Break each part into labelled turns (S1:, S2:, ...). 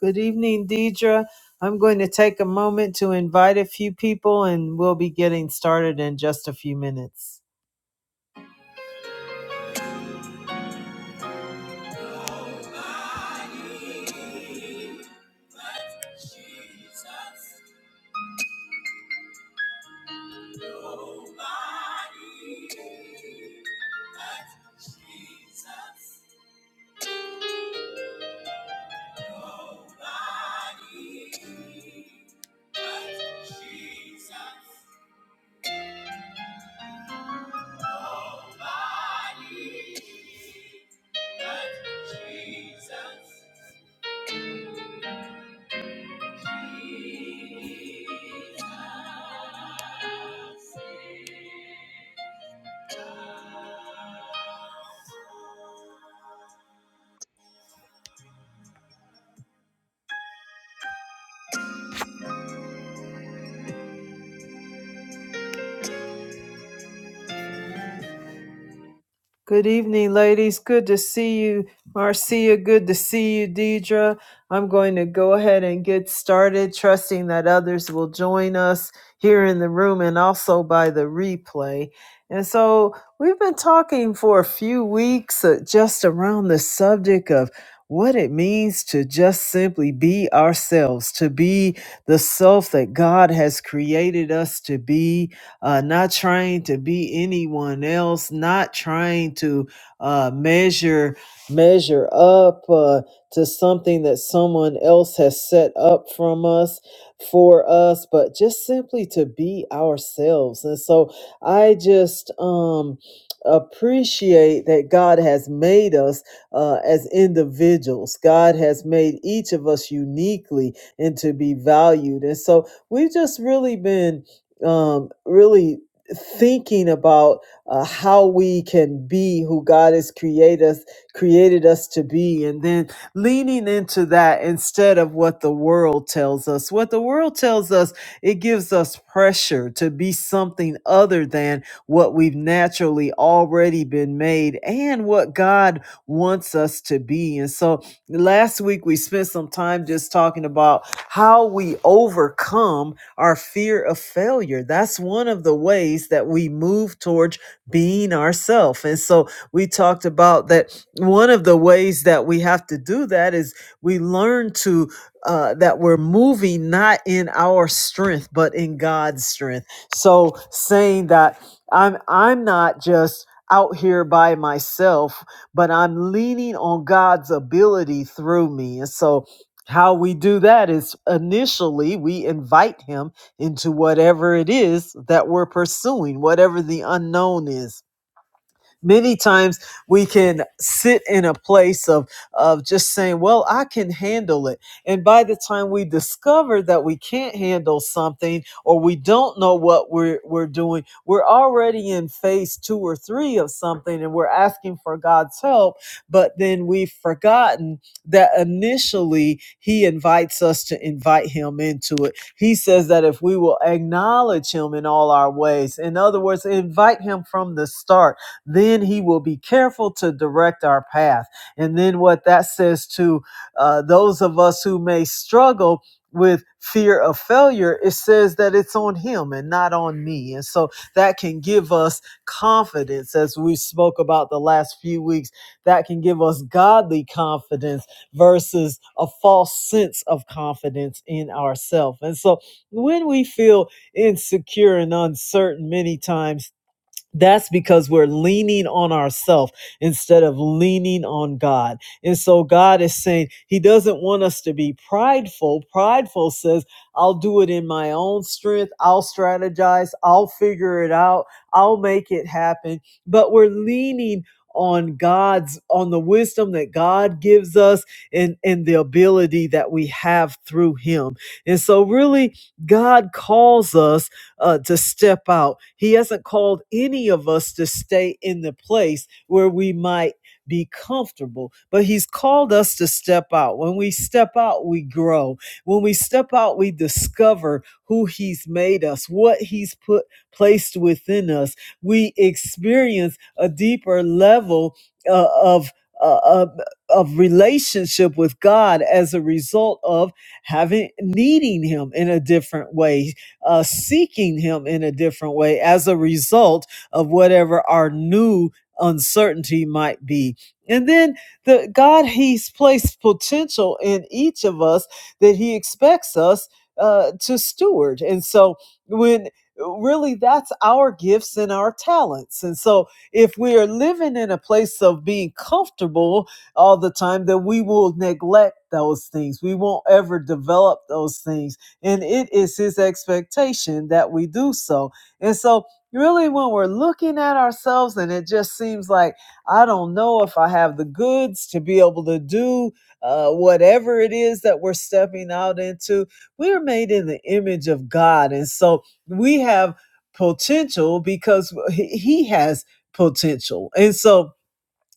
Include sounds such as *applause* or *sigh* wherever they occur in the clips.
S1: Good evening, Deidre. I'm going to take a moment to invite a few people and we'll be getting started in just a few minutes. Good evening, ladies. Good to see you, Marcia. Good to see you, Deidre. I'm going to go ahead and get started, trusting that others will join us here in the room and also by the replay. And so we've been talking for a few weeks uh, just around the subject of what it means to just simply be ourselves, to be the self that God has created us to be uh, not trying to be anyone else, not trying to uh, measure measure up uh, to something that someone else has set up from us for us, but just simply to be ourselves. And so I just um, appreciate that God has made us uh, as individuals. God has made each of us uniquely and to be valued. And so we've just really been um, really thinking about uh, how we can be who God has created us created us to be and then leaning into that instead of what the world tells us what the world tells us it gives us pressure to be something other than what we've naturally already been made and what God wants us to be and so last week we spent some time just talking about how we overcome our fear of failure. That's one of the ways that we move towards being ourselves. And so we talked about that one of the ways that we have to do that is we learn to uh, that we're moving not in our strength but in God's strength. So saying that I'm I'm not just out here by myself, but I'm leaning on God's ability through me. And so how we do that is initially we invite him into whatever it is that we're pursuing, whatever the unknown is. Many times we can sit in a place of, of just saying, Well, I can handle it. And by the time we discover that we can't handle something or we don't know what we're, we're doing, we're already in phase two or three of something and we're asking for God's help. But then we've forgotten that initially He invites us to invite Him into it. He says that if we will acknowledge Him in all our ways, in other words, invite Him from the start then he will be careful to direct our path. And then what that says to uh, those of us who may struggle with fear of failure, it says that it's on him and not on me. And so that can give us confidence, as we spoke about the last few weeks, that can give us godly confidence versus a false sense of confidence in ourselves. And so when we feel insecure and uncertain many times, that's because we're leaning on ourselves instead of leaning on God. And so God is saying He doesn't want us to be prideful. Prideful says, I'll do it in my own strength. I'll strategize. I'll figure it out. I'll make it happen. But we're leaning on God's, on the wisdom that God gives us and, and the ability that we have through Him. And so, really, God calls us uh, to step out. He hasn't called any of us to stay in the place where we might be comfortable, but He's called us to step out. When we step out, we grow. When we step out, we discover who He's made us, what He's put placed within us. We experience a deeper level uh, of. Uh, of of relationship with God as a result of having needing him in a different way uh, seeking Him in a different way as a result of whatever our new uncertainty might be. And then the God, He's placed potential in each of us that He expects us uh, to steward. And so when really that's our gifts and our talents. And so if we are living in a place of being comfortable all the time, then we will neglect those things. We won't ever develop those things and it is His expectation that we do so. And so, really, when we're looking at ourselves and it just seems like, I don't know if I have the goods to be able to do uh, whatever it is that we're stepping out into, we're made in the image of God. And so, we have potential because He He has potential. And so,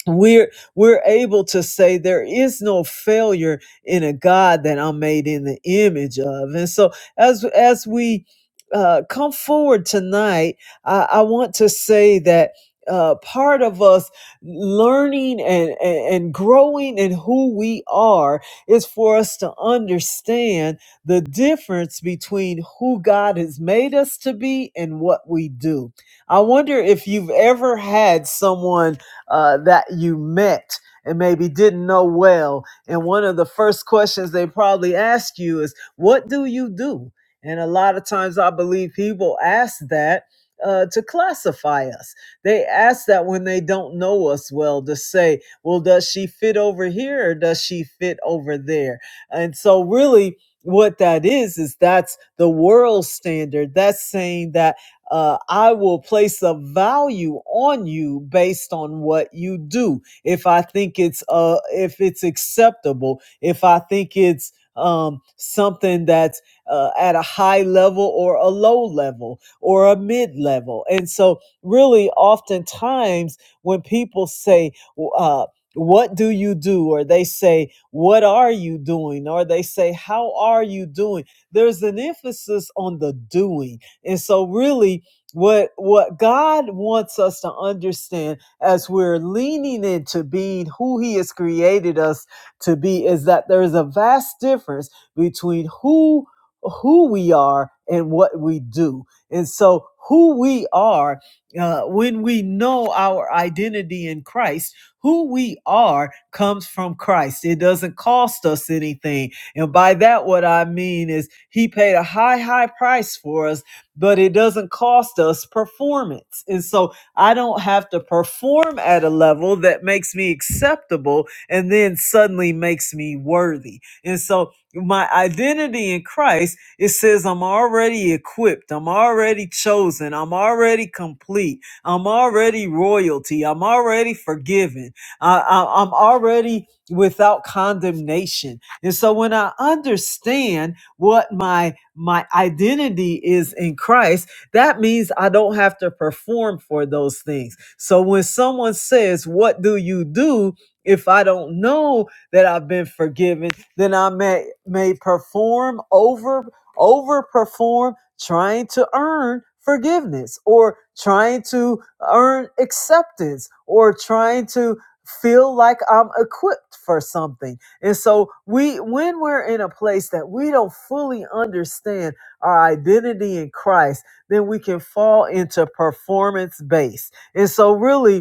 S1: we're we're able to say there is no failure in a god that i'm made in the image of and so as as we uh come forward tonight i i want to say that uh, part of us learning and, and and growing in who we are is for us to understand the difference between who God has made us to be and what we do. I wonder if you've ever had someone uh, that you met and maybe didn't know well. And one of the first questions they probably ask you is, What do you do? And a lot of times I believe people ask that. Uh, to classify us, they ask that when they don't know us well to say, well, does she fit over here or does she fit over there? And so, really, what that is, is that's the world standard. That's saying that uh, I will place a value on you based on what you do. If I think it's uh, if it's acceptable, if I think it's um, something that's uh, at a high level or a low level or a mid level, and so really, oftentimes when people say, uh, "What do you do?" or they say, "What are you doing?" or they say, "How are you doing?" there's an emphasis on the doing and so really what what God wants us to understand as we're leaning into being who he has created us to be is that there is a vast difference between who who we are and what we do. And so who we are uh, when we know our identity in Christ, who we are comes from Christ. It doesn't cost us anything. And by that, what I mean is, He paid a high, high price for us but it doesn't cost us performance. And so I don't have to perform at a level that makes me acceptable and then suddenly makes me worthy. And so my identity in Christ, it says I'm already equipped, I'm already chosen, I'm already complete, I'm already royalty, I'm already forgiven, I, I, I'm already without condemnation. And so when I understand what my my identity is in Christ, that means I don't have to perform for those things. So when someone says, What do you do? If I don't know that I've been forgiven, then I may may perform over overperform trying to earn forgiveness or trying to earn acceptance or trying to feel like I'm equipped for something and so we when we're in a place that we don't fully understand our identity in Christ, then we can fall into performance base. And so really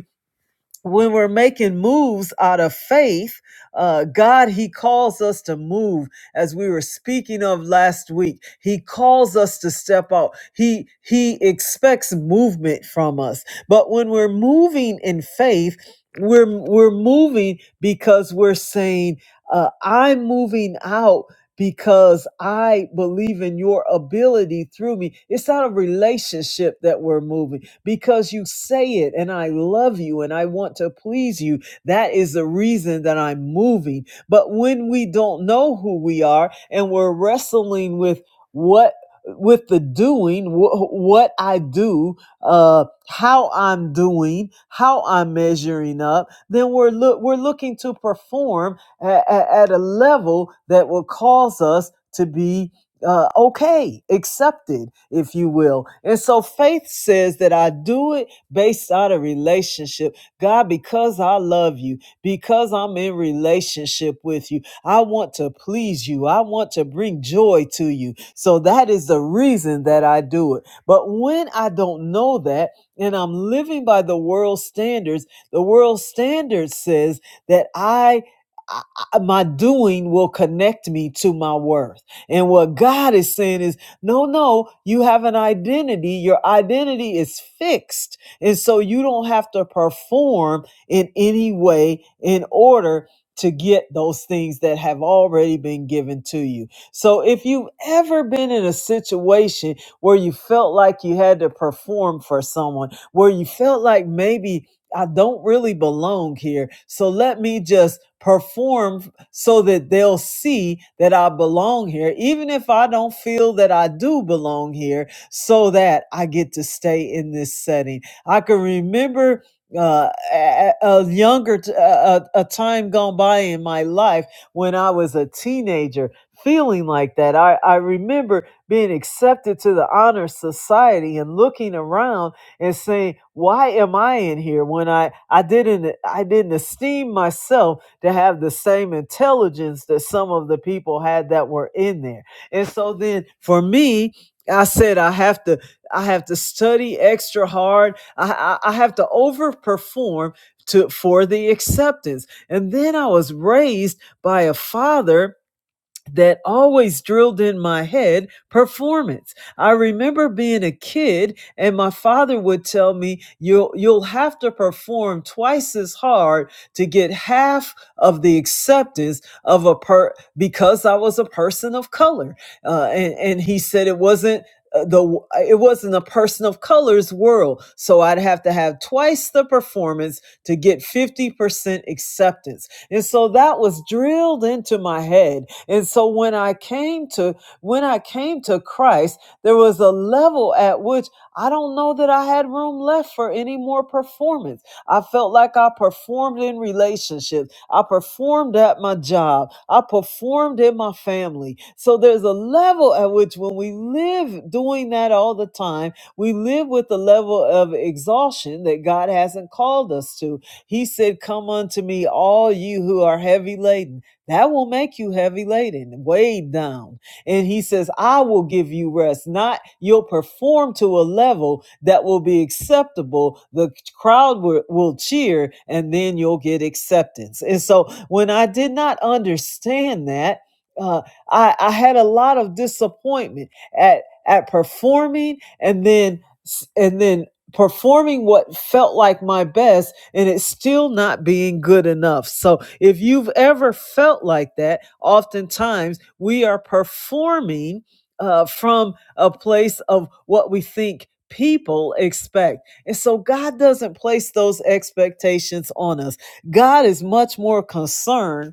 S1: when we're making moves out of faith, uh, God, He calls us to move as we were speaking of last week. He calls us to step out. He He expects movement from us. But when we're moving in faith, we're we're moving because we're saying, uh, "I'm moving out." because I believe in your ability through me. It's not a relationship that we're moving because you say it and I love you and I want to please you. That is the reason that I'm moving. But when we don't know who we are and we're wrestling with what with the doing, wh- what I do, uh, how I'm doing, how I'm measuring up, then we're look we're looking to perform at a level that will cause us to be uh, okay, accepted, if you will. And so faith says that I do it based on a relationship. God, because I love you, because I'm in relationship with you, I want to please you. I want to bring joy to you. So that is the reason that I do it. But when I don't know that and I'm living by the world's standards, the world standard says that I I- I- my doing will connect me to my worth. And what God is saying is, no, no, you have an identity. Your identity is fixed. And so you don't have to perform in any way in order to get those things that have already been given to you. So if you've ever been in a situation where you felt like you had to perform for someone, where you felt like maybe I don't really belong here. So let me just perform so that they'll see that I belong here, even if I don't feel that I do belong here, so that I get to stay in this setting. I can remember uh a, a younger t- a, a a time gone by in my life when i was a teenager feeling like that i i remember being accepted to the honor society and looking around and saying, "Why am I in here when I I didn't I didn't esteem myself to have the same intelligence that some of the people had that were in there?" And so then for me, I said I have to I have to study extra hard. I I, I have to overperform to for the acceptance. And then I was raised by a father that always drilled in my head performance. I remember being a kid and my father would tell me you'll you'll have to perform twice as hard to get half of the acceptance of a per because I was a person of color. Uh, and and he said it wasn't uh, the it wasn't a person of color's world so i'd have to have twice the performance to get 50% acceptance and so that was drilled into my head. And so when I came to when I came to Christ, there was a level at which I don't know that I had room left for any more performance. I felt like I performed in relationships. I performed at my job. I performed in my family. So there's a level at which when we live doing that all the time, we live with the level of exhaustion that God hasn't called us to he said, Come unto me, all you who are heavy laden. That will make you heavy laden, weighed down. And he says, I will give you rest. Not you'll perform to a level that will be acceptable. The crowd will, will cheer, and then you'll get acceptance. And so when I did not understand that, uh, I, I had a lot of disappointment at at performing and then and then performing what felt like my best and it's still not being good enough. So if you've ever felt like that, oftentimes we are performing uh, from a place of what we think people expect. And so God doesn't place those expectations on us. God is much more concerned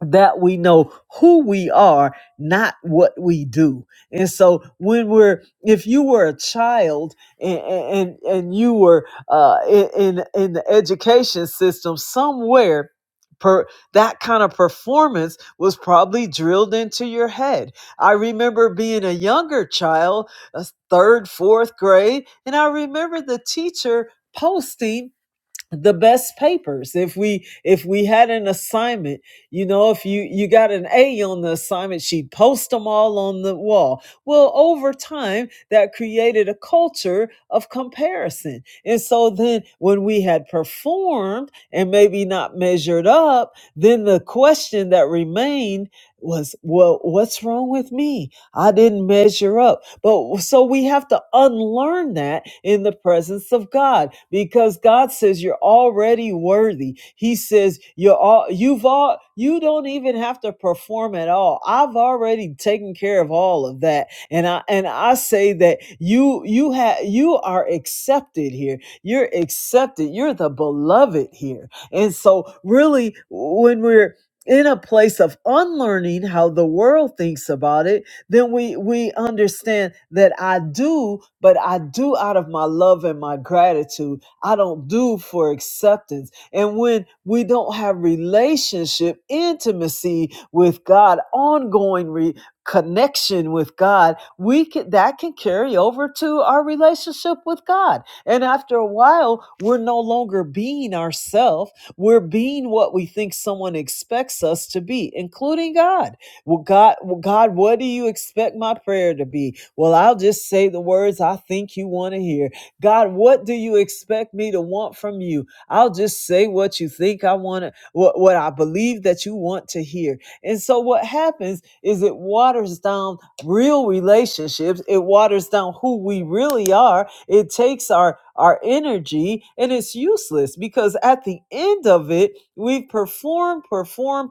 S1: that we know who we are, not what we do. And so when we're, if you were a child and and, and you were uh, in in in the education system somewhere. Per, that kind of performance was probably drilled into your head. I remember being a younger child, uh, third, fourth grade, and I remember the teacher posting the best papers if we if we had an assignment you know if you you got an a on the assignment she'd post them all on the wall well over time that created a culture of comparison and so then when we had performed and maybe not measured up then the question that remained was well what's wrong with me I didn't measure up. But so we have to unlearn that in the presence of God because God says you're already worthy. He says you're all you've all you don't even have to perform at all. I've already taken care of all of that. And I and I say that you you have you are accepted here. You're accepted. You're the beloved here. And so really when we're in a place of unlearning how the world thinks about it then we we understand that I do, but I do out of my love and my gratitude. I don't do for acceptance. And when we don't have relationship, intimacy with God, ongoing re- connection with God, we can that can carry over to our relationship with God. And after a while, we're no longer being ourselves. We're being what we think someone expects us to be, including God. Well, God, well, God, what do you expect my prayer to be? Well, I'll just say the words I think you want to hear. God, what do you expect me to want from you? I'll just say what you think I want to, what, what I believe that you want to hear. And so what happens is it waters down real relationships. It waters down who we really are. It takes our, our energy and it's useless because at the end of it, we perform, perform, perform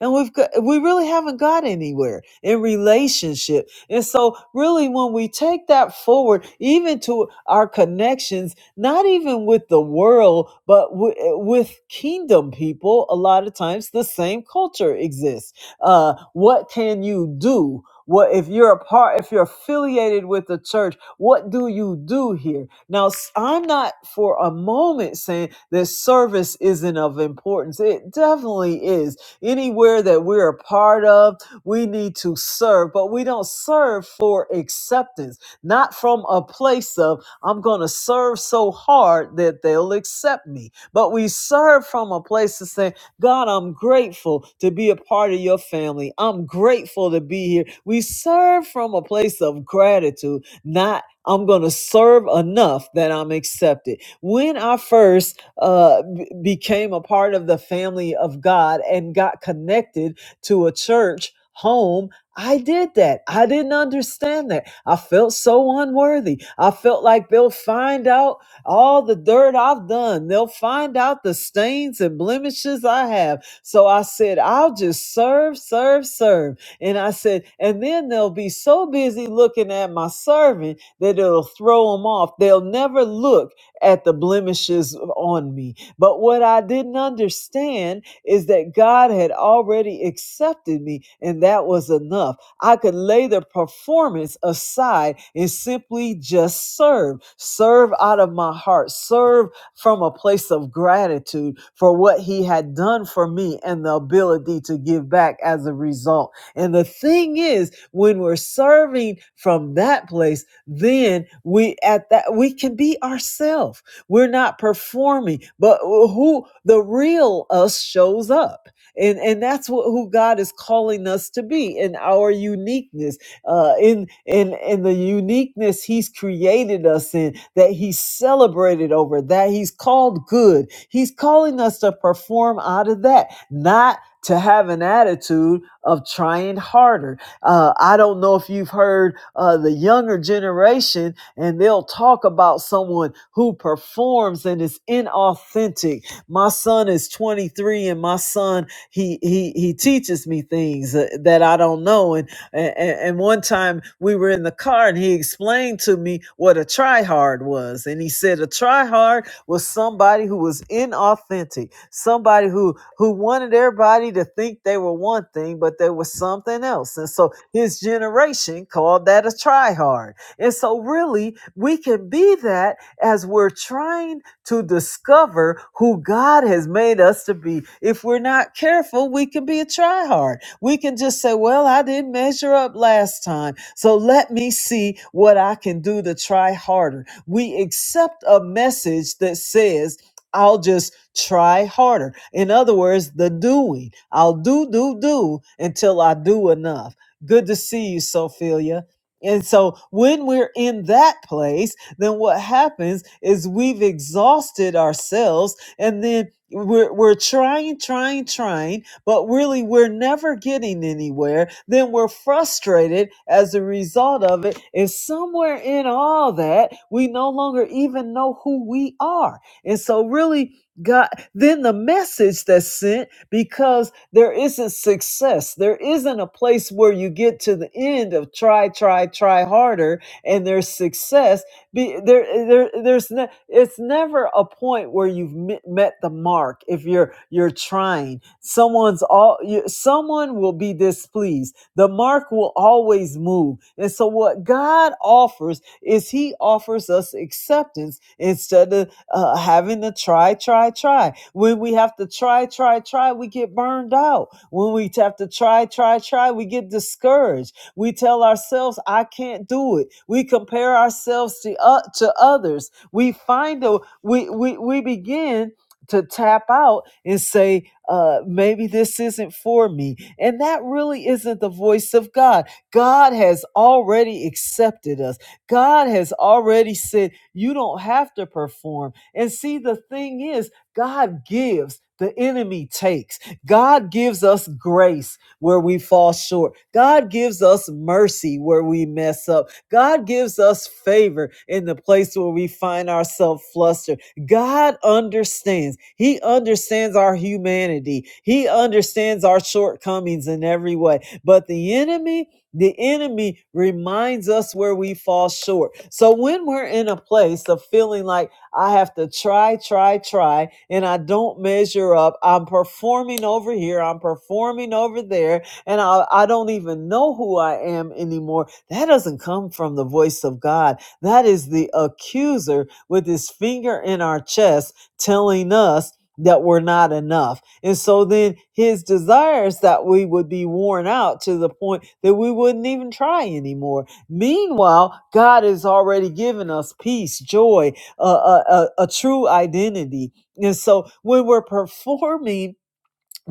S1: and we've got we really haven't got anywhere in relationship and so really when we take that forward even to our connections not even with the world but w- with kingdom people a lot of times the same culture exists uh what can you do what if you're a part if you're affiliated with the church what do you do here now s- i'm not for a moment saying that service isn't of importance it definitely is Anywhere that we're a part of, we need to serve, but we don't serve for acceptance, not from a place of, I'm going to serve so hard that they'll accept me. But we serve from a place of saying, God, I'm grateful to be a part of your family. I'm grateful to be here. We serve from a place of gratitude, not I'm going to serve enough that I'm accepted. When I first uh, b- became a part of the family of God and got connected to a church home. I did that. I didn't understand that. I felt so unworthy. I felt like they'll find out all the dirt I've done. They'll find out the stains and blemishes I have. So I said, I'll just serve, serve, serve. And I said, and then they'll be so busy looking at my serving that it'll throw them off. They'll never look at the blemishes on me. But what I didn't understand is that God had already accepted me, and that was enough. I could lay the performance aside and simply just serve. Serve out of my heart, serve from a place of gratitude for what He had done for me and the ability to give back as a result. And the thing is, when we're serving from that place, then we at that we can be ourselves we're not performing but who the real us shows up and and that's what who god is calling us to be in our uniqueness uh in in in the uniqueness he's created us in that He's celebrated over that he's called good he's calling us to perform out of that not to have an attitude of trying harder uh, I don't know if you've heard uh, the younger generation, and they'll talk about someone who performs and is inauthentic. My son is 23, and my son he he he teaches me things uh, that I don't know. And and, and one time we were in the car, and he explained to me what a tryhard was, and he said a tryhard was somebody who was inauthentic, somebody who who wanted everybody to think they were one thing, but they were something else. And so his generation called that a tryhard. And so really, we can be that as we're trying to discover who God has made us to be. If we're not careful, we can be a tryhard. We can just say, "Well, I didn't measure up last time, so let me see what I can do to try harder." We accept a message that says, I'll just try harder. In other words, the doing. I'll do, do, do until I do enough. Good to see you, Sophia. And so when we're in that place, then what happens is we've exhausted ourselves and then we're, we're trying, trying, trying but really we're never getting anywhere, then we're frustrated as a result of it. And somewhere in all that, we no longer even know who we are. And so, really, God, then the message that's sent because there isn't success. There isn't a place where you get to the end of try, try, try harder and there's success be, there, there, there's ne- it's never a point where you've met, met the mark. If you're you're trying, someone's all you, someone will be displeased. The mark will always move. And so, what God offers is He offers us acceptance instead of uh, having to try, try, try. When we have to try, try, try, we get burned out. When we have to try, try, try, we get discouraged we tell ourselves, I can't do it. We compare ourselves to, uh, to others. We find a, we, we, we begin to tap out and say, uh, maybe this isn't for me. And that really isn't the voice of God. God has already accepted us. God has already said, you don't have to perform. And see, the thing is, God gives, the enemy takes. God gives us grace where we fall short. God gives us mercy where we mess up. God gives us favor in the place where we find ourselves flustered. God understands. He understands our humanity. He understands our shortcomings in every way. But the enemy, the enemy reminds us where we fall short. So when we're in a place of feeling like I have to try, try, try, and I don't measure up. I'm performing over here, I'm performing over there, and I, I don't even know who I am anymore. That doesn't come from the voice of God. That is the accuser with his finger in our chest telling us that we're not enough. And so then his desires that we would be worn out to the point that we wouldn't even try anymore. Meanwhile, God has already given us peace, joy, a, a, a a true identity. And so when we're performing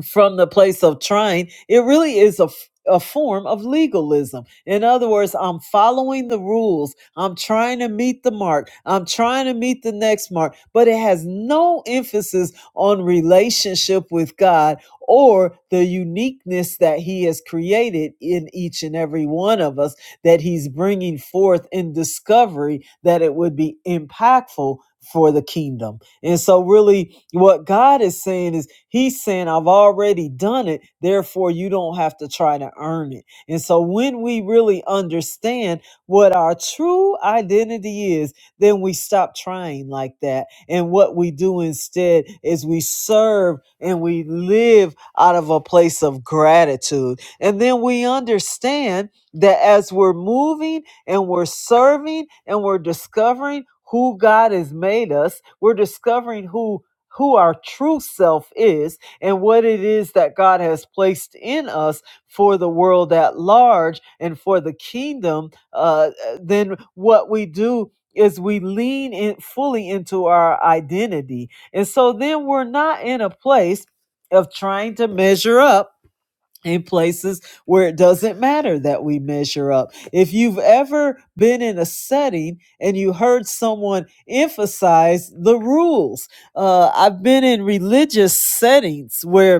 S1: from the place of trying, it really is a, f- a form of legalism. In other words, I'm following the rules, I'm trying to meet the mark, I'm trying to meet the next mark, but it has no emphasis on relationship with God or the uniqueness that He has created in each and every one of us that He's bringing forth in discovery that it would be impactful for the kingdom. And so, really, what God is saying is, He's saying, I've already done it, therefore, you don't have to try to earn it. And so, when we really understand what our true identity is, then we stop trying like that. And what we do instead is we serve and we live out of a place of gratitude. And then we understand that as we're moving and we're serving and we're discovering who God has made us. We're discovering who who our true self is and what it is that God has placed in us for the world at large and for the kingdom, uh, uh, then what we do is we lean in fully into our identity. And so then we're not in a place of trying to measure up in places where it doesn't matter that we measure up. If you've ever been in a setting and you heard someone emphasize the rules, uh, I've been in religious settings where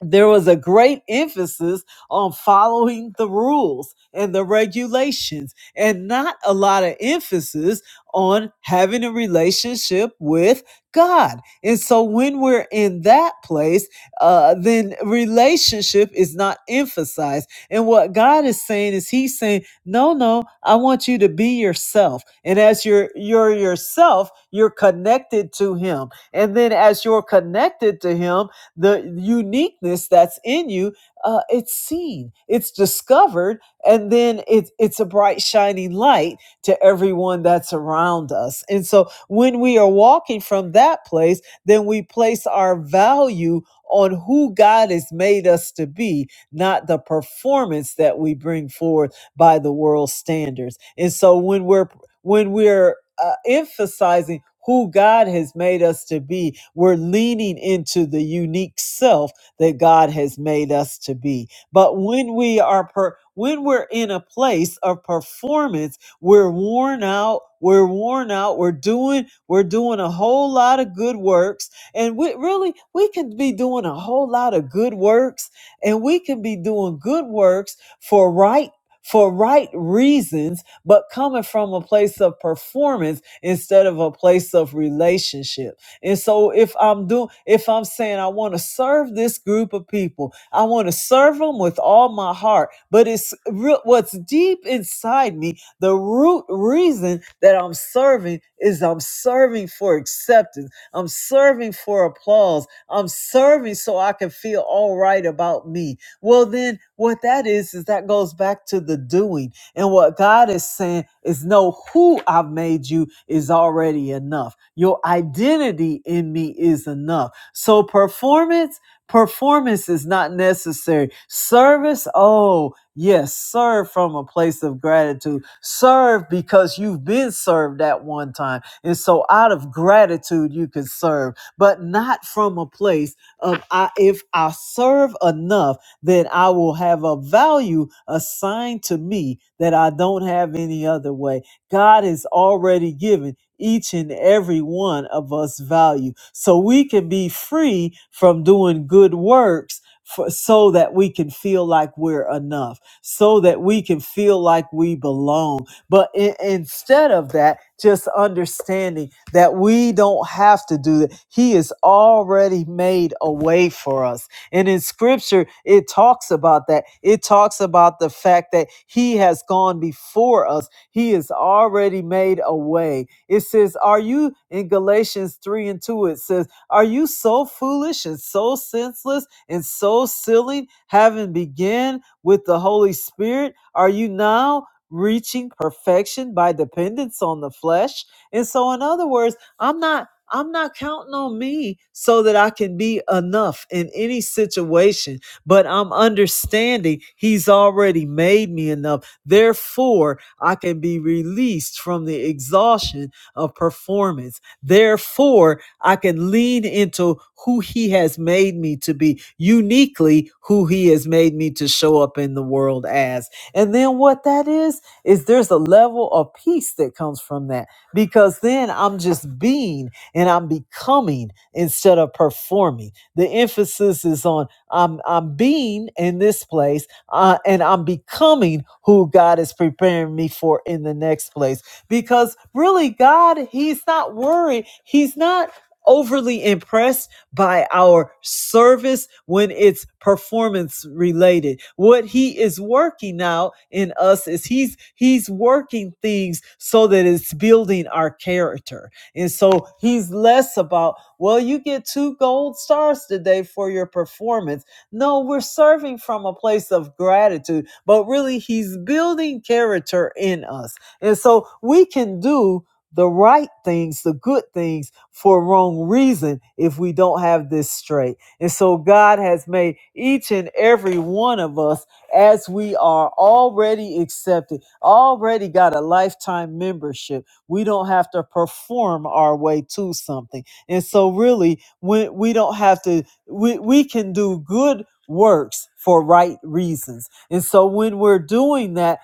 S1: there was a great emphasis on following the rules and the regulations and not a lot of emphasis on having a relationship with God. And so when we're in that place, uh, then relationship is not emphasized. And what God is saying is he's saying, no, no, I want you to be yourself. And as you're, you're yourself, you're connected to him. And then as you're connected to him, the uniqueness that's in you uh, it's seen it's discovered and then it's it's a bright shining light to everyone that's around us and so when we are walking from that place then we place our value on who God has made us to be, not the performance that we bring forth by the world's standards. And so when we're when we're uh, emphasizing who God has made us to be, we're leaning into the unique self that God has made us to be. But when we are per- when we're in a place of performance, we're worn out. We're worn out. We're doing we're doing a whole lot of good works, and we really we can be doing a whole lot of good works, and we can be doing good works for right for right reasons but coming from a place of performance instead of a place of relationship. And so if I'm doing, if I'm saying I want to serve this group of people, I want to serve them with all my heart, but it's real, what's deep inside me, the root reason that I'm serving is I'm serving for acceptance. I'm serving for applause. I'm serving so I can feel all right about me. Well, then what that is, is that goes back to the doing and what God is saying is, know who I've made you is already enough. Your identity in me is enough. So performance, performance is not necessary. Service, oh, yes, serve from a place of gratitude. Serve because you've been served at one time. And so out of gratitude, you can serve, but not from a place of, I, if I serve enough, then I will have a value assigned to me that I don't have any other way. God has already given each and every one of us value. So we can be free from doing good works for, so that we can feel like we're enough, so that we can feel like we belong. But in- instead of that, just understanding that we don't have to do that. He has already made a way for us. And in scripture, it talks about that. It talks about the fact that he has gone before us, he has already made a way. It says, Are you in Galatians 3 and 2? It says, Are you so foolish and so senseless and so silly, having begun with the Holy Spirit? Are you now? Reaching perfection by dependence on the flesh. And so, in other words, I'm not I'm not counting on me so that I can be enough in any situation, but I'm understanding He's already made me enough. Therefore, I can be released from the exhaustion of performance. Therefore, I can lean into who He has made me to be, uniquely who He has made me to show up in the world as. And then what that is, is there's a level of peace that comes from that because then I'm just being and I'm becoming instead of performing. The emphasis is on I'm I'm being in this place uh, and I'm becoming who God is preparing me for in the next place. Because really, God, He's not worried. He's not overly impressed by our service when it's performance related what he is working out in us is he's he's working things so that it's building our character and so he's less about, well, you get two gold stars today for your performance. No, we're serving from a place of gratitude, but really he's building character in us. And so we can do the right things, the good things for wrong reason if we don't have this straight. And so God has made each and every one of us as we are already accepted, already got a lifetime membership we don't have to perform our way to something. And so really when we don't have to we, we can do good works for right reasons. And so when we're doing that,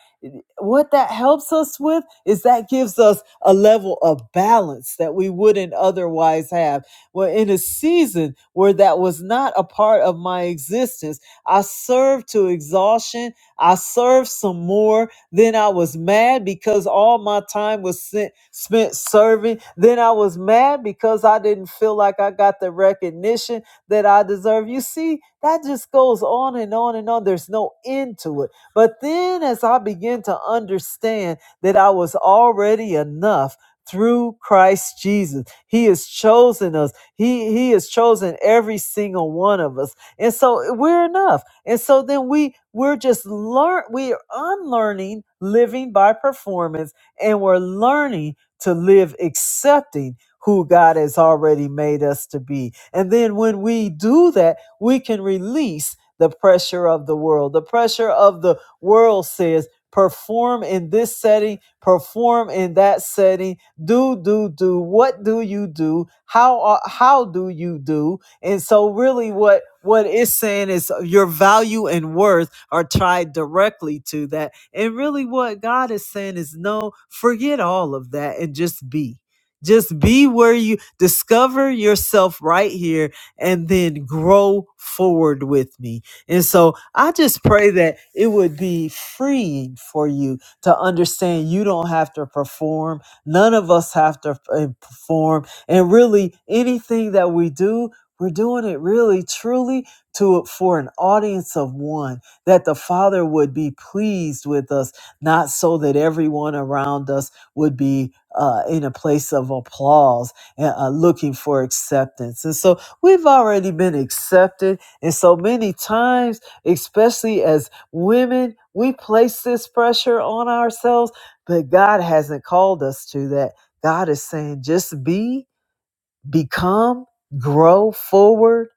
S1: what that helps us with is that gives us a level of balance that we wouldn't otherwise have. Well, in a season where that was not a part of my existence, I served to exhaustion. I served some more then I was mad because all my time was sent, spent serving. Then I was mad because I didn't feel like I got the recognition that I deserve. You see, that just goes on and on and on. There's no end to it. But then as I began to understand that I was already enough through Christ Jesus. He has chosen us. He he has chosen every single one of us. And so we're enough. And so then we we're just learn we are unlearning living by performance and we're learning to live accepting who God has already made us to be. And then when we do that, we can release the pressure of the world. The pressure of the world says perform in this setting, perform in that setting, do do do. What do you do? How are- how do you do? And so really what what it's saying is your value and worth are tied directly to that. And really what God is saying is no, forget all of that and just be. Just be where you discover yourself right here and then grow forward with me. And so I just pray that it would be freeing for you to understand you don't have to perform. None of us have to uh, perform. And really, anything that we do we're doing it really, truly to for an audience of one, that the Father would be pleased with us, not so that everyone around us would be uh, in a place of applause and uh, looking for acceptance. And so we've already been accepted, and so many times, especially as women, we place this pressure on ourselves, but God hasn't called us to that. God is saying, just be become, grow forward,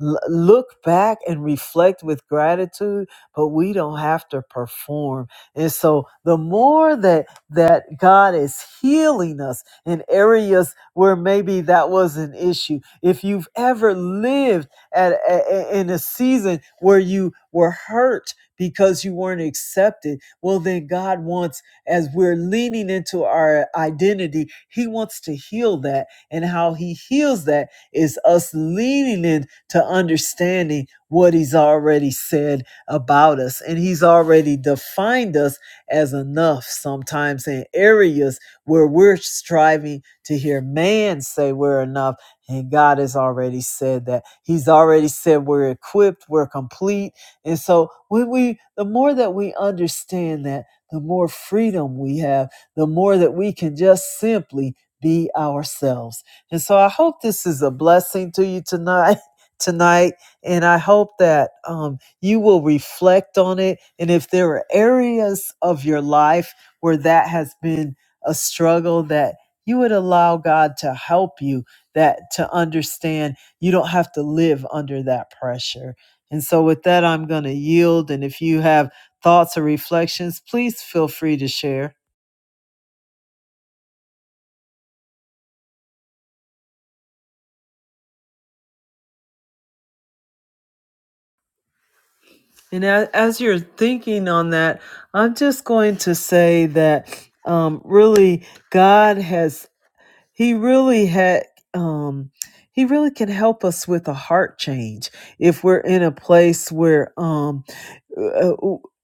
S1: l- look back and reflect with gratitude, but we don't have to perform. And so the more that that God is healing us in areas where maybe that was an issue. If you've ever lived at a- a- in a season where you were hurt because you weren't accepted, well then God wants as we're leaning into our identity, he wants to heal that and how he heals that is us leaning in to understanding what he's already said about us. And he's already defined us as enough sometimes in areas where we're striving to hear man say we're enough. And God has already said that. He's already said we're equipped, we're complete. And so when we the more that we understand that, the more freedom we have, the more that we can just simply be ourselves and so I hope this is a blessing to you tonight. *laughs* Tonight, and I hope that um, you will reflect on it. And if there are areas of your life where that has been a struggle, that you would allow God to help you, that to understand you don't have to live under that pressure. And so, with that, I'm going to yield. And if you have thoughts or reflections, please feel free to share. And a- as you're thinking on that, I'm just going to say that um, really God has he really had um he really can help us with a heart change if we're in a place where um uh,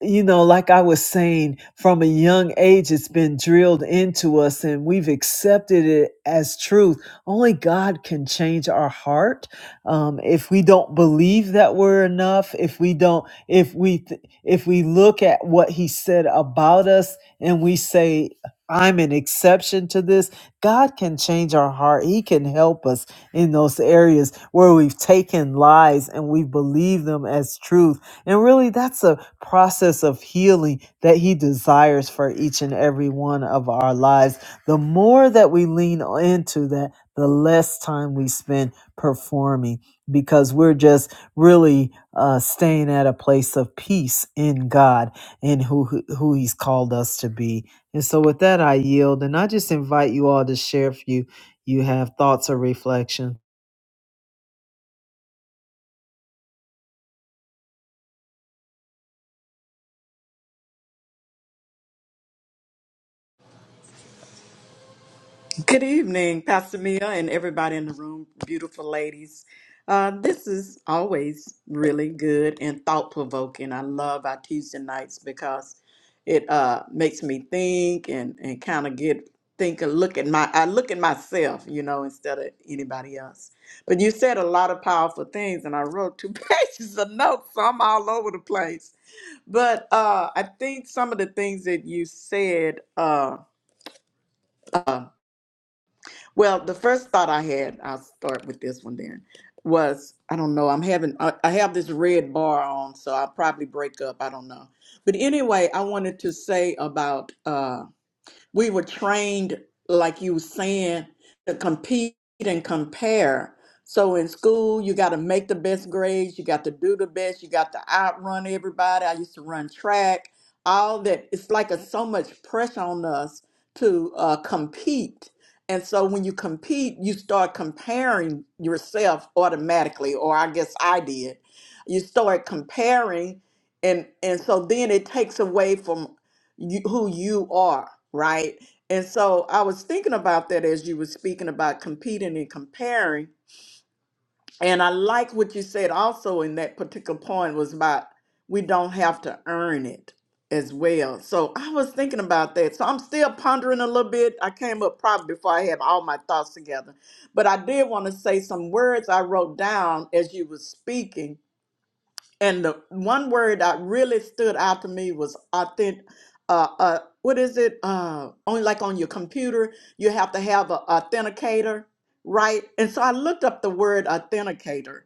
S1: you know like I was saying from a young age it's been drilled into us and we've accepted it as truth. Only God can change our heart. Um if we don't believe that we're enough, if we don't if we th- if we look at what he said about us and we say I'm an exception to this God can change our heart. He can help us in those areas where we've taken lies and we believe them as truth. And really, that's a process of healing that He desires for each and every one of our lives. The more that we lean into that, the less time we spend performing because we're just really uh, staying at a place of peace in God and who who He's called us to be. And so with that, I yield and I just invite you all to share if you, you have thoughts or reflection.
S2: Good evening, Pastor Mia, and everybody in the room, beautiful ladies. Uh, this is always really good and thought provoking. I love our Tuesday nights because it uh, makes me think and, and kind of get think a look at my I look at myself, you know, instead of anybody else. But you said a lot of powerful things, and I wrote two *laughs* pages of notes, so I'm all over the place. But uh, I think some of the things that you said. Uh, uh, well, the first thought I had, I'll start with this one then, was I don't know, I'm having, I I have this red bar on, so I'll probably break up. I don't know. But anyway, I wanted to say about uh, we were trained, like you were saying, to compete and compare. So in school, you got to make the best grades, you got to do the best, you got to outrun everybody. I used to run track, all that. It's like a, so much pressure on us to uh, compete. And so when you compete, you start comparing yourself automatically, or I guess I did. You start comparing, and and so then it takes away from you, who you are, right? And so I was thinking about that as you were speaking about competing and comparing. And I like what you said also in that particular point was about we don't have to earn it as well. So I was thinking about that. So I'm still pondering a little bit. I came up probably before I had all my thoughts together. But I did want to say some words I wrote down as you were speaking and the one word that really stood out to me was authentic. Uh, uh, what is it? Uh, only like on your computer, you have to have an authenticator, right? And so I looked up the word authenticator,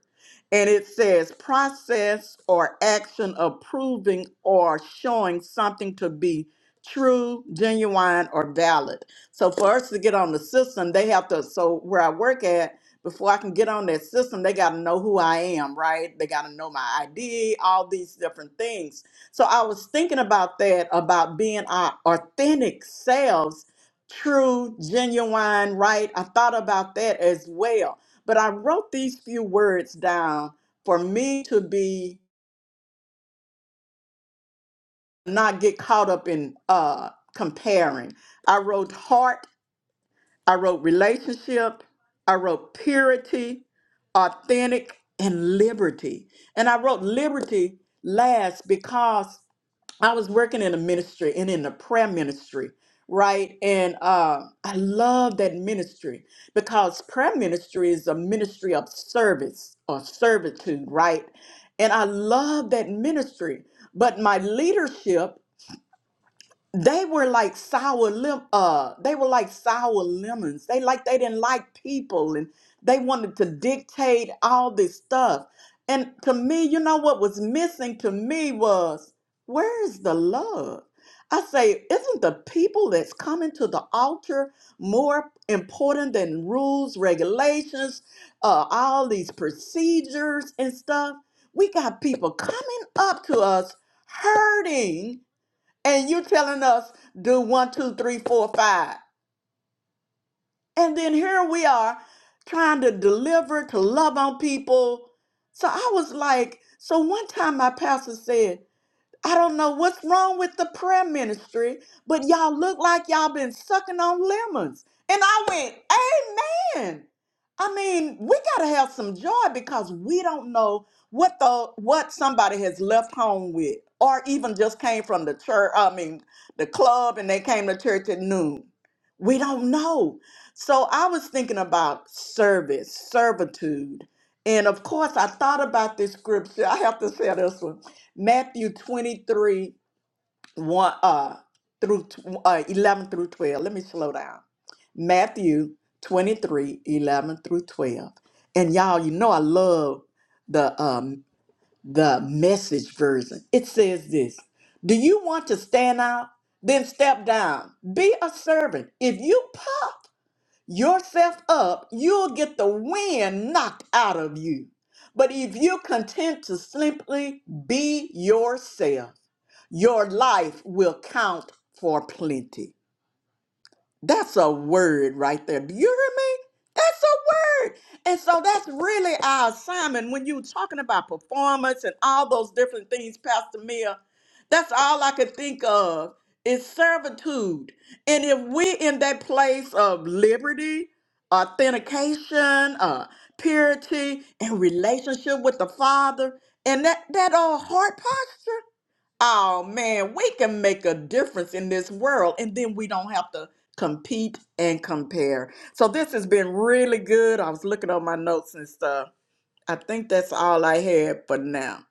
S2: and it says process or action of proving or showing something to be true, genuine, or valid. So for us to get on the system, they have to. So where I work at, before I can get on that system, they got to know who I am, right? They got to know my ID, all these different things. So I was thinking about that, about being our authentic selves, true, genuine, right? I thought about that as well. But I wrote these few words down for me to be not get caught up in uh comparing. I wrote heart I wrote relationship. I wrote purity, authentic, and liberty. And I wrote liberty last because I was working in the ministry and in the prayer ministry, right? And uh, I love that ministry because prayer ministry is a ministry of service or servitude, right? And I love that ministry. But my leadership they were like sour lim uh they were like sour lemons they like they didn't like people and they wanted to dictate all this stuff and to me you know what was missing to me was where is the love i say isn't the people that's coming to the altar more important than rules regulations uh all these procedures and stuff we got people coming up to us hurting and you telling us do one, two, three, four, five. And then here we are trying to deliver, to love on people. So I was like, so one time my pastor said, I don't know what's wrong with the prayer ministry, but y'all look like y'all been sucking on lemons. And I went, Amen. I mean, we gotta have some joy because we don't know what the what somebody has left home with, or even just came from the church. I mean, the club, and they came to church at noon. We don't know. So I was thinking about service, servitude, and of course, I thought about this scripture. I have to say this one. Matthew 23, 1 uh, through tw- uh, 11 through 12. Let me slow down. Matthew 23 11 through 12. And y'all, you know I love the um the message version. It says this. Do you want to stand out? Then step down. Be a servant. If you puff yourself up, you'll get the wind knocked out of you. But if you're content to simply be yourself, your life will count for plenty. That's a word right there. Do you hear me? That's a word. And so that's really our assignment. When you were talking about performance and all those different things, Pastor Mia, that's all I could think of is servitude. And if we're in that place of liberty, authentication, uh, purity, and relationship with the Father, and that, that old heart posture, Oh man, we can make a difference in this world, and then we don't have to compete and compare. So this has been really good. I was looking on my notes and stuff. I think that's all I had for now.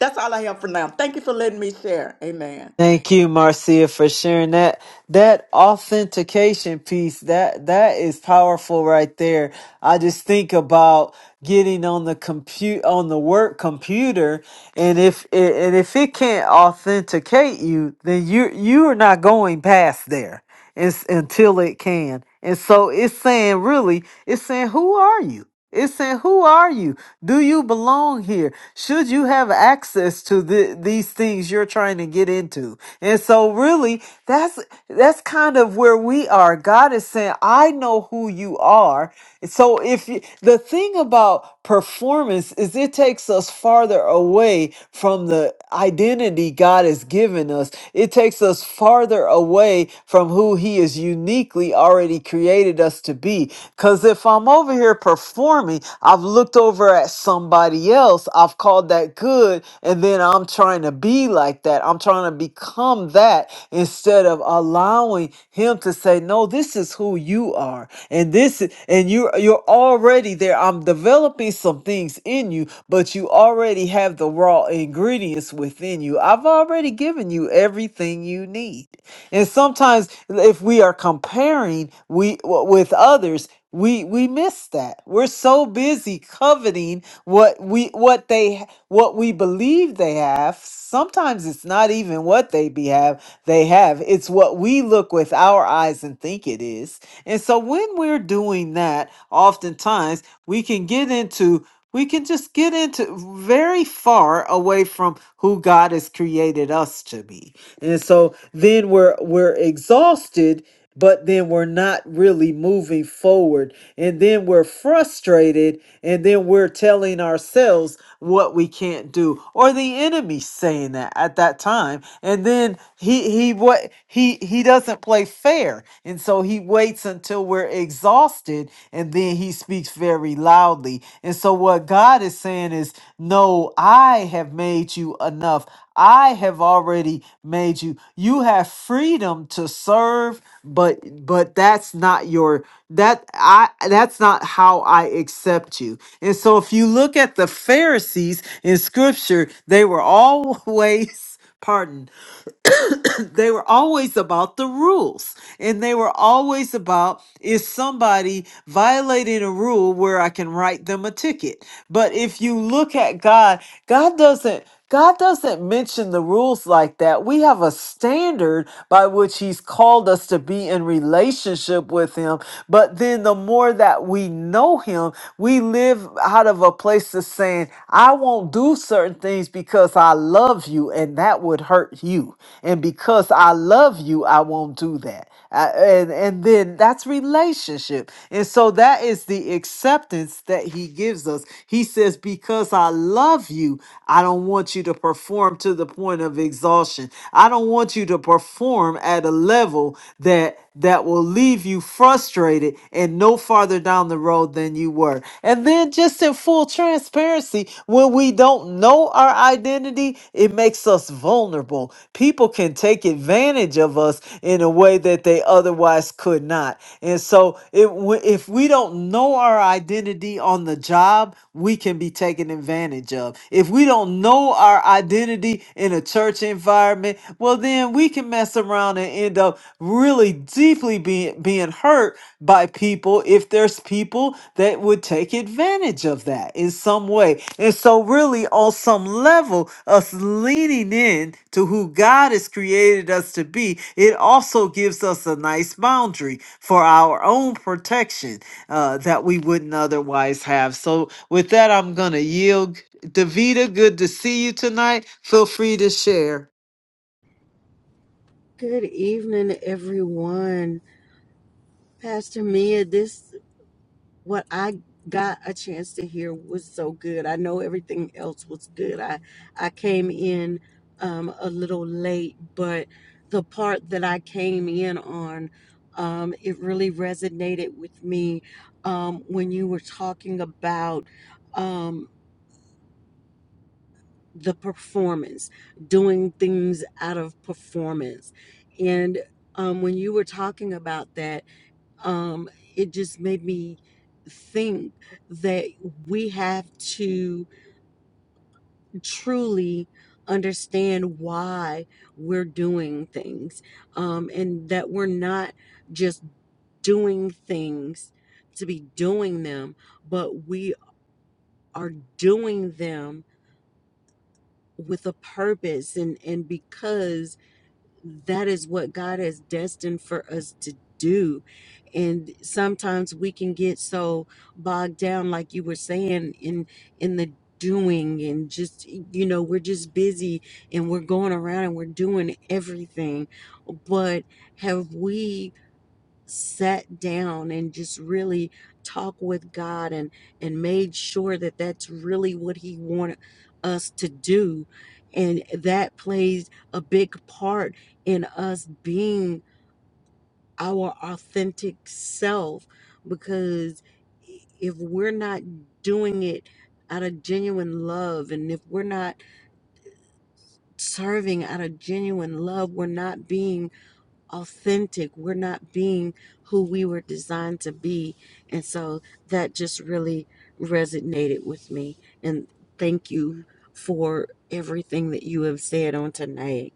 S2: That's all I have for now. Thank you for letting me share. Amen.
S1: Thank you, Marcia, for sharing that. That authentication piece, that that is powerful right there. I just think about getting on the compute on the work computer, and if it, and if it can't authenticate you, then you you are not going past there. and, until it can. And so it's saying, really, it's saying, who are you? It's saying, who are you? Do you belong here? Should you have access to the, these things you're trying to get into? And so really, that's, that's kind of where we are. God is saying, I know who you are. So if you, the thing about performance is it takes us farther away from the identity God has given us. It takes us farther away from who He has uniquely already created us to be. Because if I'm over here performing, I've looked over at somebody else, I've called that good, and then I'm trying to be like that. I'm trying to trying to become that instead of allowing him to say, No, this is who you are. And this is- and you are you're already there. I'm developing some things in you, but you already have the raw ingredients within you. I've already given you everything you need. And sometimes if we are comparing we w- with others, we we miss that. We're so busy coveting what we what they what we believe they have. Sometimes it's not even what they be have they have. It's what we look with our eyes and think it is. And so when we're doing that, oftentimes we can get into we can just get into very far away from who God has created us to be. And so then we're we're exhausted, but then we're not really moving forward. And then we're frustrated and then we're telling ourselves what we can't do or the enemy saying that at that time. And then he he what he he doesn't play fair. And so he waits waits until we're exhausted and then he speaks very loudly. And so, what God is saying is, No, I have made you enough. I have already made you. You have freedom to serve, but but that's not your that I that's not how I accept you. And so if you look at the Pharisees in scripture, they were always *laughs* pardon *coughs* *clears throat* they were always about the rules and they were always about is somebody violating a rule where I can write them a ticket. But if you look at God, God doesn't God doesn't mention the rules like that. We have a standard by which he's called us to be in relationship with him, but then the more that we know him, we live out of a place of saying, I won't do certain things because I love you and that would hurt you. And because I love you, I won't do that. I- and, and then that's relationship. And so that is the acceptance that he gives us. He says, Because I love you, I don't want you to perform to the point of exhaustion. I don't want you to perform at a level that that will leave you frustrated and no farther down the road than you were. And then saying? Just in full transparency, when we don't know our identity, it makes us vulnerable. People can take advantage of us in a way that they otherwise could not. And so, it, w- if we don't know our identity on the job, we can be taken advantage of. If we don't know our identity in a church environment, well, then we can mess around and end up really deeply being being hurt by people if there's people that would take advantage of that in some way. And so, really, on some level, us leaning in to who God has created us to be, it also gives us a nice boundary for our own protection uh, that we wouldn't otherwise have. So, with that, I'm going to yield. Davita, good to see you tonight. Feel free to share.
S3: Good evening, everyone. Pastor Mia, this what I got a chance to hear was so good. I know everything else was good. I I came in um, a little late, but the part that I came in on, um, it really resonated with me um, when you were talking about um, the performance, doing things out of performance, and um, when you were talking about that um, it just made me think that we have to truly understand why we're doing things um, and that we're not just doing things to be doing them, but we are doing them with a purpose and, and because that is what God has destined for us to do. And sometimes we can get so bogged down, like you were saying, in in the doing and just you know, we're just busy and we're going around and we're doing everything. But have we sat down and just really talked with God and and made sure that that's really what he wanted us to do and that plays a big part in us being our authentic self because if we're not doing it out of genuine love and if we're not serving out of genuine love we're not being authentic. We're not being who we were designed to be. And so that just really resonated with me. And thank you for everything that you have said on tonight.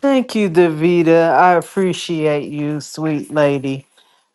S1: Thank you, Davita. I appreciate you, sweet lady.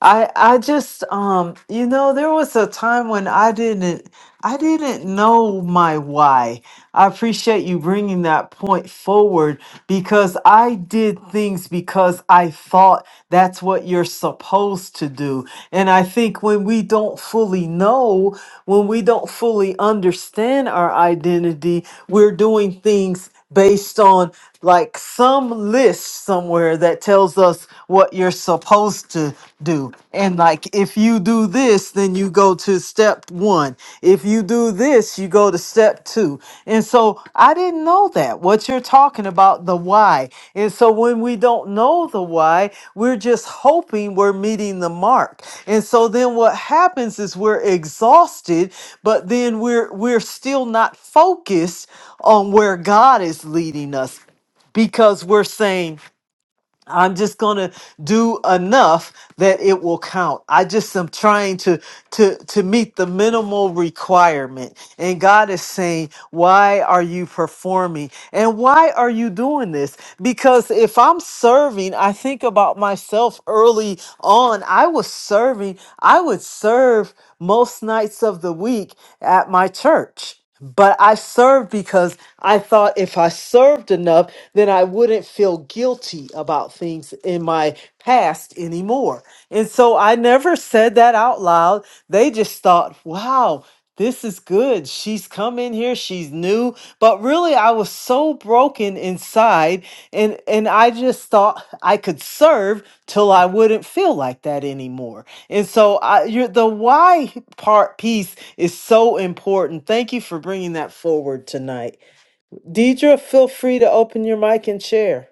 S1: I I just um you know there was a time when I didn't I didn't know my why. I appreciate you bringing that point forward because I did things because I thought that's what you're supposed to do. And I think when we don't fully know, when we don't fully understand our identity, we're doing things based on like some list somewhere that tells us what you're supposed to do. And like if you do this, then then you go to step one. If you do this, you go to step two. And so I didn't know that, what you're talking about, the why. And so when we don't know the why, we're just hoping we're meeting the mark. And so then what happens is we're exhausted, but then we're we're still not focused on where God is leading us because we're saying I'm just gonna do enough that it will count. I just am trying to to to meet the minimal requirement. And God is saying, Why are you performing? And why are you doing this? Because if I'm serving, I think about myself early on. I was serving, I would serve most nights of the week at my church. But I served because I thought if I served enough, then I wouldn't feel guilty about things in my past anymore. And so I never said that out loud. They just thought, wow, this is good. She's come in here, she's new. But really, I was so broken inside, and, and I just thought I could serve till I wouldn't feel like that anymore. And so I, you're, the why part piece is so important. Thank you for bringing that forward tonight. Deidre, feel free to open your mic and share.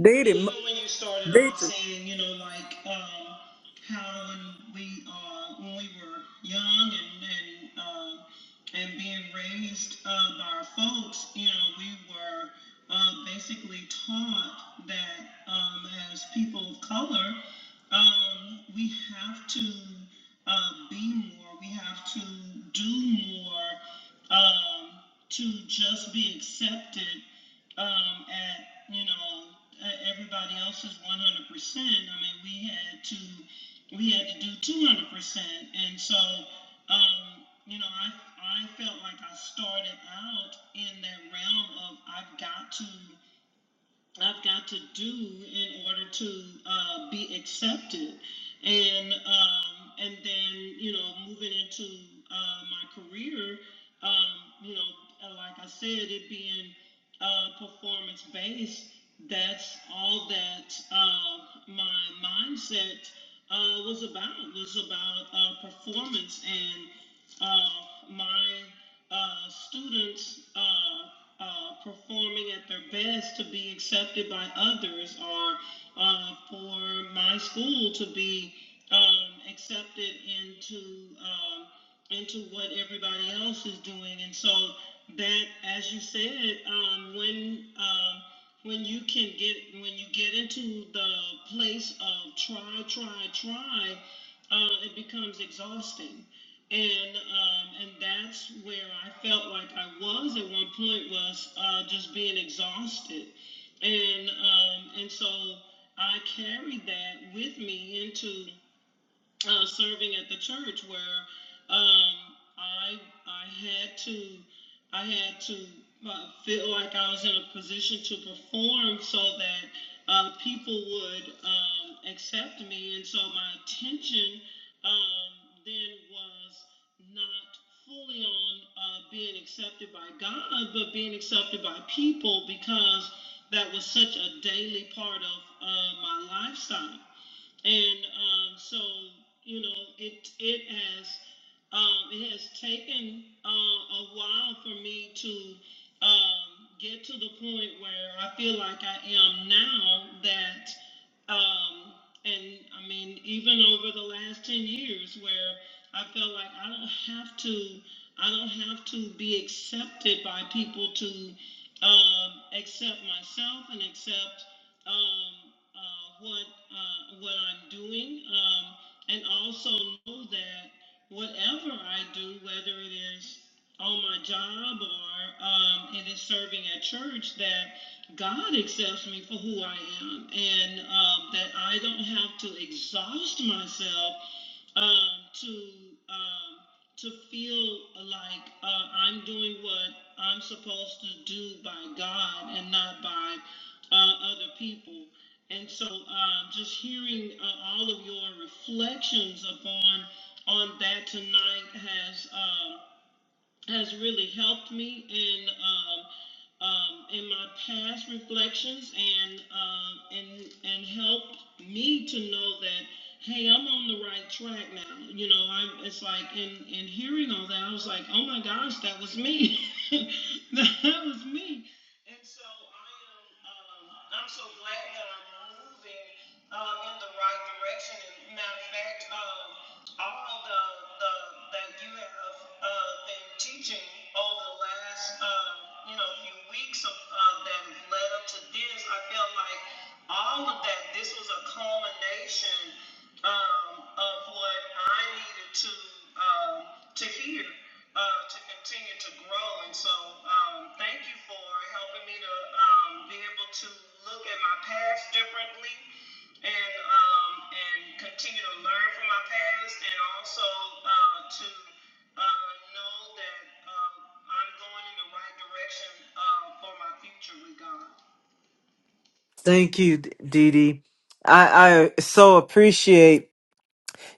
S2: Deity, Deidre.
S1: Thank you, D- Dee Dee. I, I so appreciate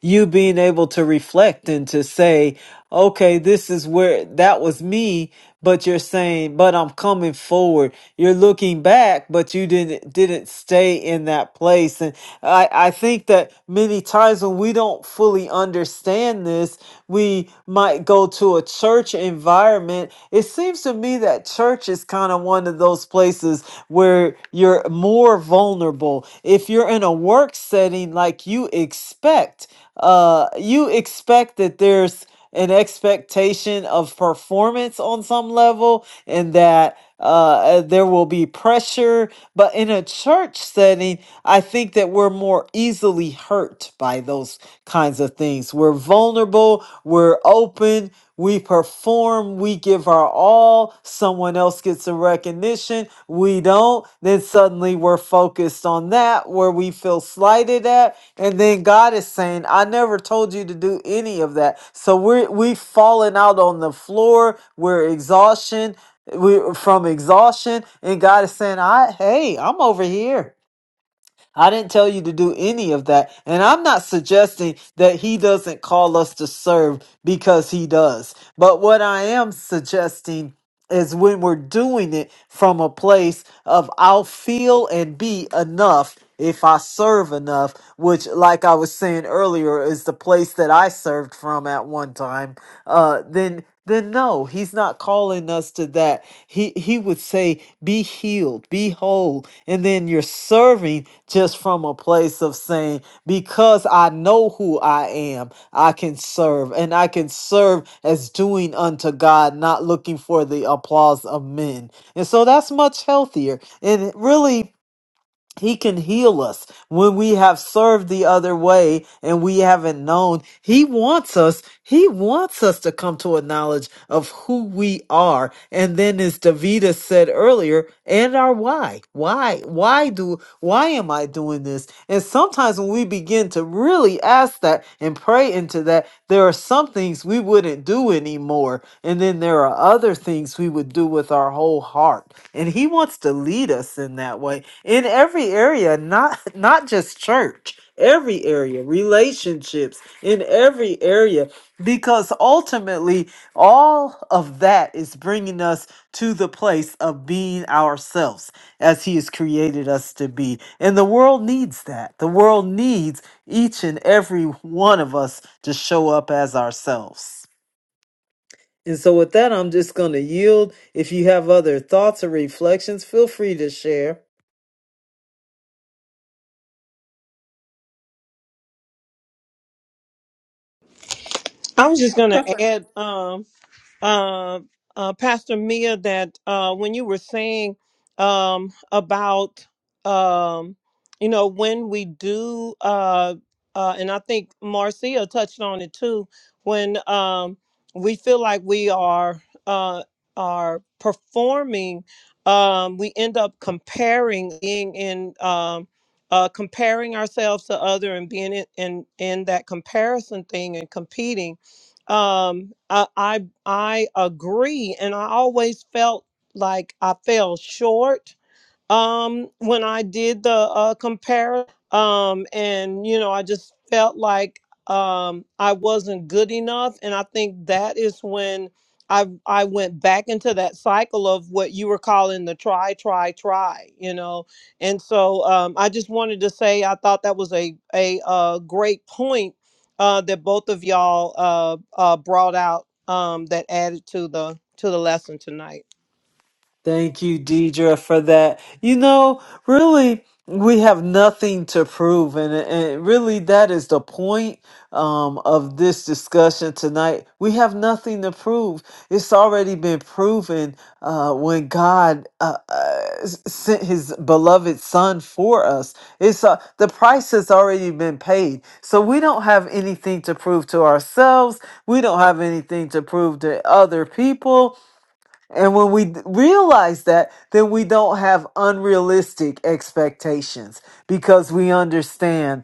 S1: you being able to reflect and to say, okay, this is where that was me, but you're saying, but I'm coming forward. You're looking back, but you didn't didn't stay in that place. and. I, I think that many times when we don't fully understand this, we might go to a church environment. It seems to me that church is kind of one of those places where you're more vulnerable. If you're in a work setting, like you expect, uh, you expect that there's an expectation of performance on some level and that uh, uh, there will be pressure but in a church setting i think that we're more easily hurt by those kinds of things we're vulnerable we're open we perform we give our all someone else gets a recognition we don't then suddenly we're focused on that where we feel slighted at and then God is saying, I never told you to do any of that. So we're we've fallen out on the floor. We're exhaustion. We from exhaustion. And God is saying, I hey, I'm over here. I didn't tell you to do any of that. And I'm not suggesting that he doesn't call us to serve because he does. But what I am suggesting is when we're doing it from a place of I'll feel and be enough if I serve enough, which, like I was saying earlier, is the place that I served from at one time uh, then then no, he's not calling us to that. He he would say, "Be healed, be whole," and then you're serving just from a place of saying, "Because I know who I am, I can serve, and I can serve as doing unto God, not looking for the applause of men." And so that's much healthier, and really. He can heal us when we have served the other way and we haven't known. He wants us, he wants us to come to a knowledge of who we are. And then as Davida said earlier, and our why. Why? Why do why am I doing this? And sometimes when we begin to really we ask that and pray into that, there are some things we wouldn't do anymore. And then there are other things we would do with our whole heart. And he wants to lead us in that way in every area, not *laughs* not just church, every area, relationships, in every area because ultimately all of that is bringing us to the place of being ourselves as he has created us to be. And the world needs that. The world needs each and every one of us to show up as ourselves. And so, with that, I'm just going to yield. If you have other thoughts or reflections, feel free to share.
S4: I was just going to add, um, uh, uh, Pastor Mia, that uh, when you were saying um, about, um, you know, when we do, uh, uh, and I think Marcia touched on it too, when um, we feel like we are uh, are performing, um, we end up comparing, being in. Um, uh, comparing ourselves to other and being in, in in that comparison thing and competing um I, I i agree and i always felt like i fell short um when i did the uh compare um and you know i just felt like um i wasn't good enough and i think that is when i i went back into that cycle of what you were calling the try try try you know and so um i just wanted to say i thought that was a a uh great point uh that both of y'all uh uh brought out um that added to the to the lesson tonight
S1: Thank you, Deidre, for that. You know, really, we have nothing to prove, and, and really, that is the point um, of this discussion tonight. We have nothing to prove. It's already been proven uh, when God uh, uh, s- sent His beloved Son for us. It's uh, the price has already been paid, so we don't have anything to prove to ourselves. We don't have anything to prove to other people and when we d- realize that, then we don't have unrealistic expectations because we understand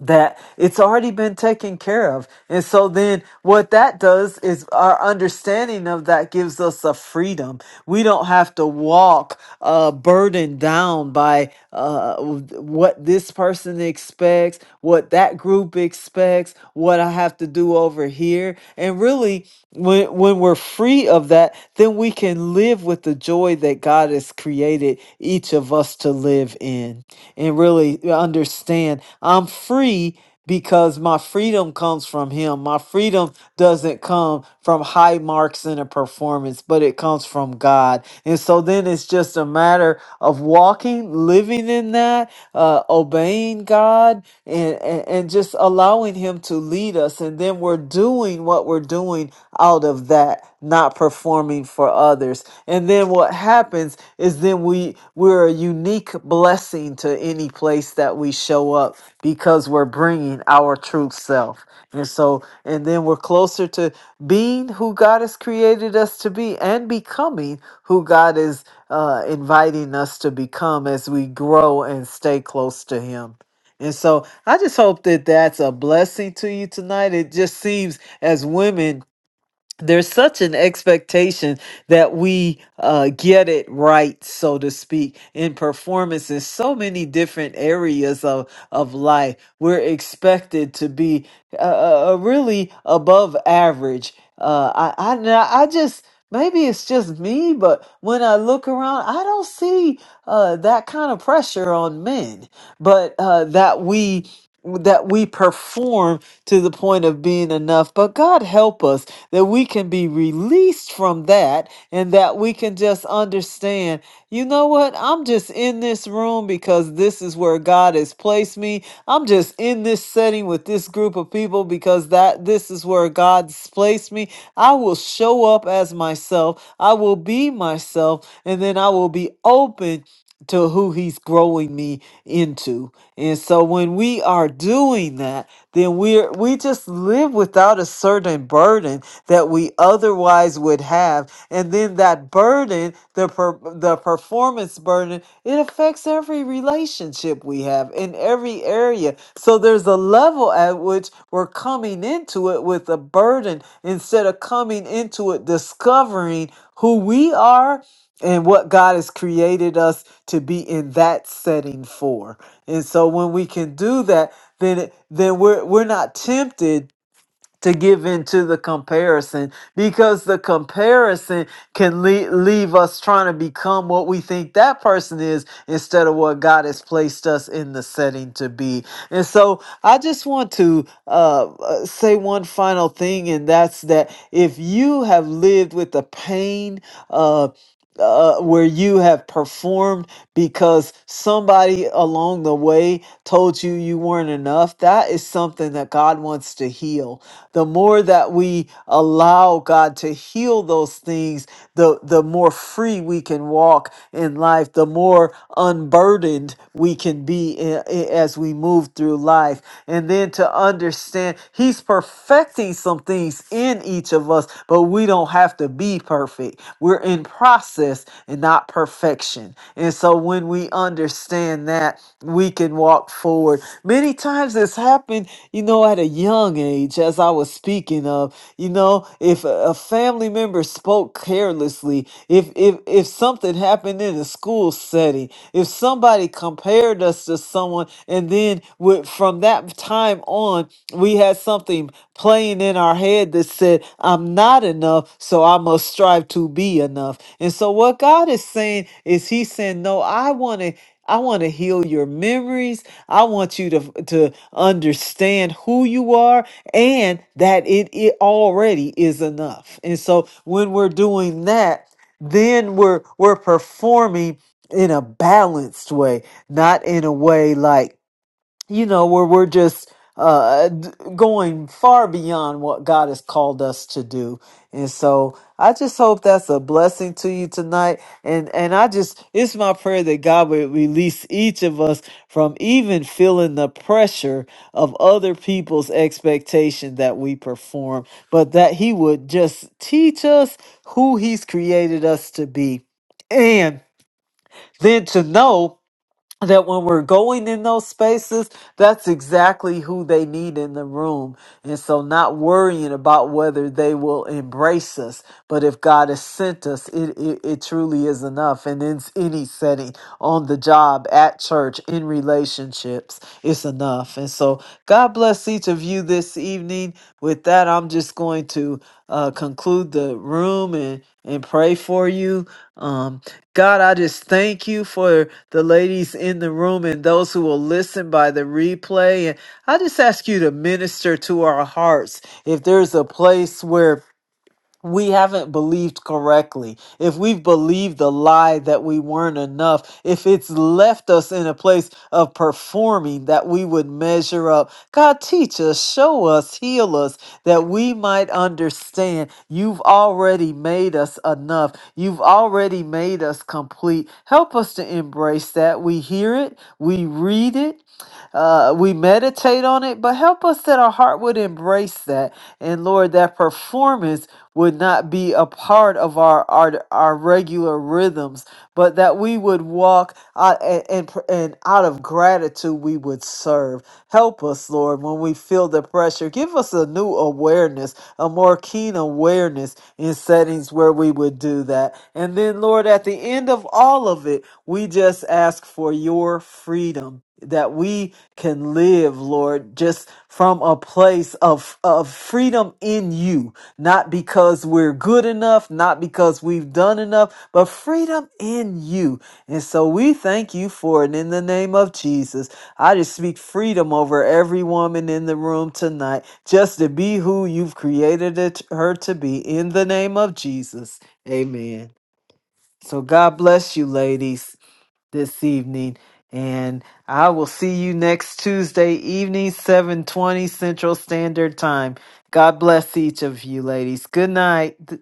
S1: that it's already been taken care of. And so then what that does is our understanding of that gives us a freedom. We don't have to walk uh burdened down by uh what this person expects, what that group expects, what I have to do over here. And really when when we're free of that, then we can live with the joy that God has created each of us to live in and really understand I'm. I'm free because my freedom comes from him. My freedom doesn't come from high marks in a performance, but it comes from God. And so then it's just a matter of walking, living in that, uh, obeying God, and, and, and just allowing Him to lead us. And then we're doing what we're doing out of that, not performing for others. And then what happens is then we we're a unique blessing to any place that we show up because we're bringing our true self. And so, and then we're closer to being who God has created us to be and becoming who God is uh, inviting us to become as we grow and stay close to Him. And so I just hope that that's a blessing to you tonight. It just seems as women, there's such an expectation that we uh, get it right, so to speak, in performance in so many different areas of, of life. We're expected to be uh, uh, uh, really above average. Uh, I, I, now I just, maybe it's just me, but when I look around, I don't see uh, that kind of pressure on men, but uh, that we that we perform to the point of being enough but god help us that we can be released from that and that we can just understand, you know what? I'm just in this room because this is where God has placed me. I'm just in this setting with this group of people because that this is where God's placed me. I will show up as myself. I will be myself and then I will be open to who he's growing me into. And so when we are doing that, then we're we just live without a certain burden that we otherwise would have. And then that burden, the per, the performance burden, it affects every relationship we have in every area. So there's a level at which we're coming into it with a burden instead of coming into it discovering who we are and what God has created us to be in that setting for. And so when we can do that, then then we're we're not tempted to give in to the comparison because the comparison can le- leave us trying to become what we think that person is instead of what God has placed us in the setting to be. And so I just want to uh, uh, say one final thing, and that's that if you have lived with the pain uh, uh, where you have performed because somebody along the way told you you weren't enough. That is something that God wants to heal. The more that we allow God to heal those things, the, the more free we can walk in life, the more unburdened we can be i- i- as we move through life. And then to understand He's perfecting some things in each of us, but we don't have to be perfect. We're in process and not perfection. And so when we understand that, that we can walk forward. Many times this happened, you know, at a young age, as I was speaking of, you know, if a a family member spoke carelessly, if if if something happened in a school setting, if somebody compared us to someone, and then with, from that time on, we had something playing in our head that said, I'm not enough, so I must strive to be enough. And so, what God is saying is, He's saying, No, I want to I want to heal your memories. I want you to to understand who you are and that it, it already is enough. And so when we're doing that, then we're we're performing in a balanced way, not in a way like you know, where we're just uh, d- going far beyond what God has called us to do. And so I just hope that's a blessing to you tonight. And and I just it's my prayer that God would release each of us from even feeling the pressure of other people's expectation that we perform, but that he would just teach us who he's created us to be. And then to know that when we're going in those spaces, that's exactly who they need in the room. And so not worrying about whether they will embrace us, but if God has sent us, it, it, it truly is enough. And in any setting, on the job, at church, in relationships, it's enough. And so God bless bless each of you this evening. With that, I'm just going to uh, conclude the room and, and pray for you. Um, God, I just thank you for the ladies in the room and those who will listen by the replay. And I just ask you to minister to our hearts. If there's a place where we haven't believed correctly, if we've believed the lie that we weren't enough, if it's left us in a place of performing that we would measure up, God, teach us, show us, heal us, that we might understand you've already made us enough. You've already made us complete. Help us to embrace that. We hear it, we read it, uh, we meditate on it, but help us that our heart would embrace that. And Lord, that performance would not be a part of our our, our regular rhythms, but that we would walk out and, and and out of gratitude we would serve. Help us, Lord, when we feel the pressure. Give us a new awareness, a more keen awareness in settings where we would do that. And then, Lord, at the end of all of it, we just ask for your freedom that we can live, Lord, just from a place of, of freedom in you not because we're good enough, not because we've done enough, but freedom in you. And so we thank you for it in the name of Jesus. I just speak freedom over every woman in the room tonight, just to be who you've created it, her to be in the name of Jesus. Amen. So God bless you, ladies this evening. And I will see you next Tuesday evening, 720 Central Standard Time. God bless each of you ladies. Good night.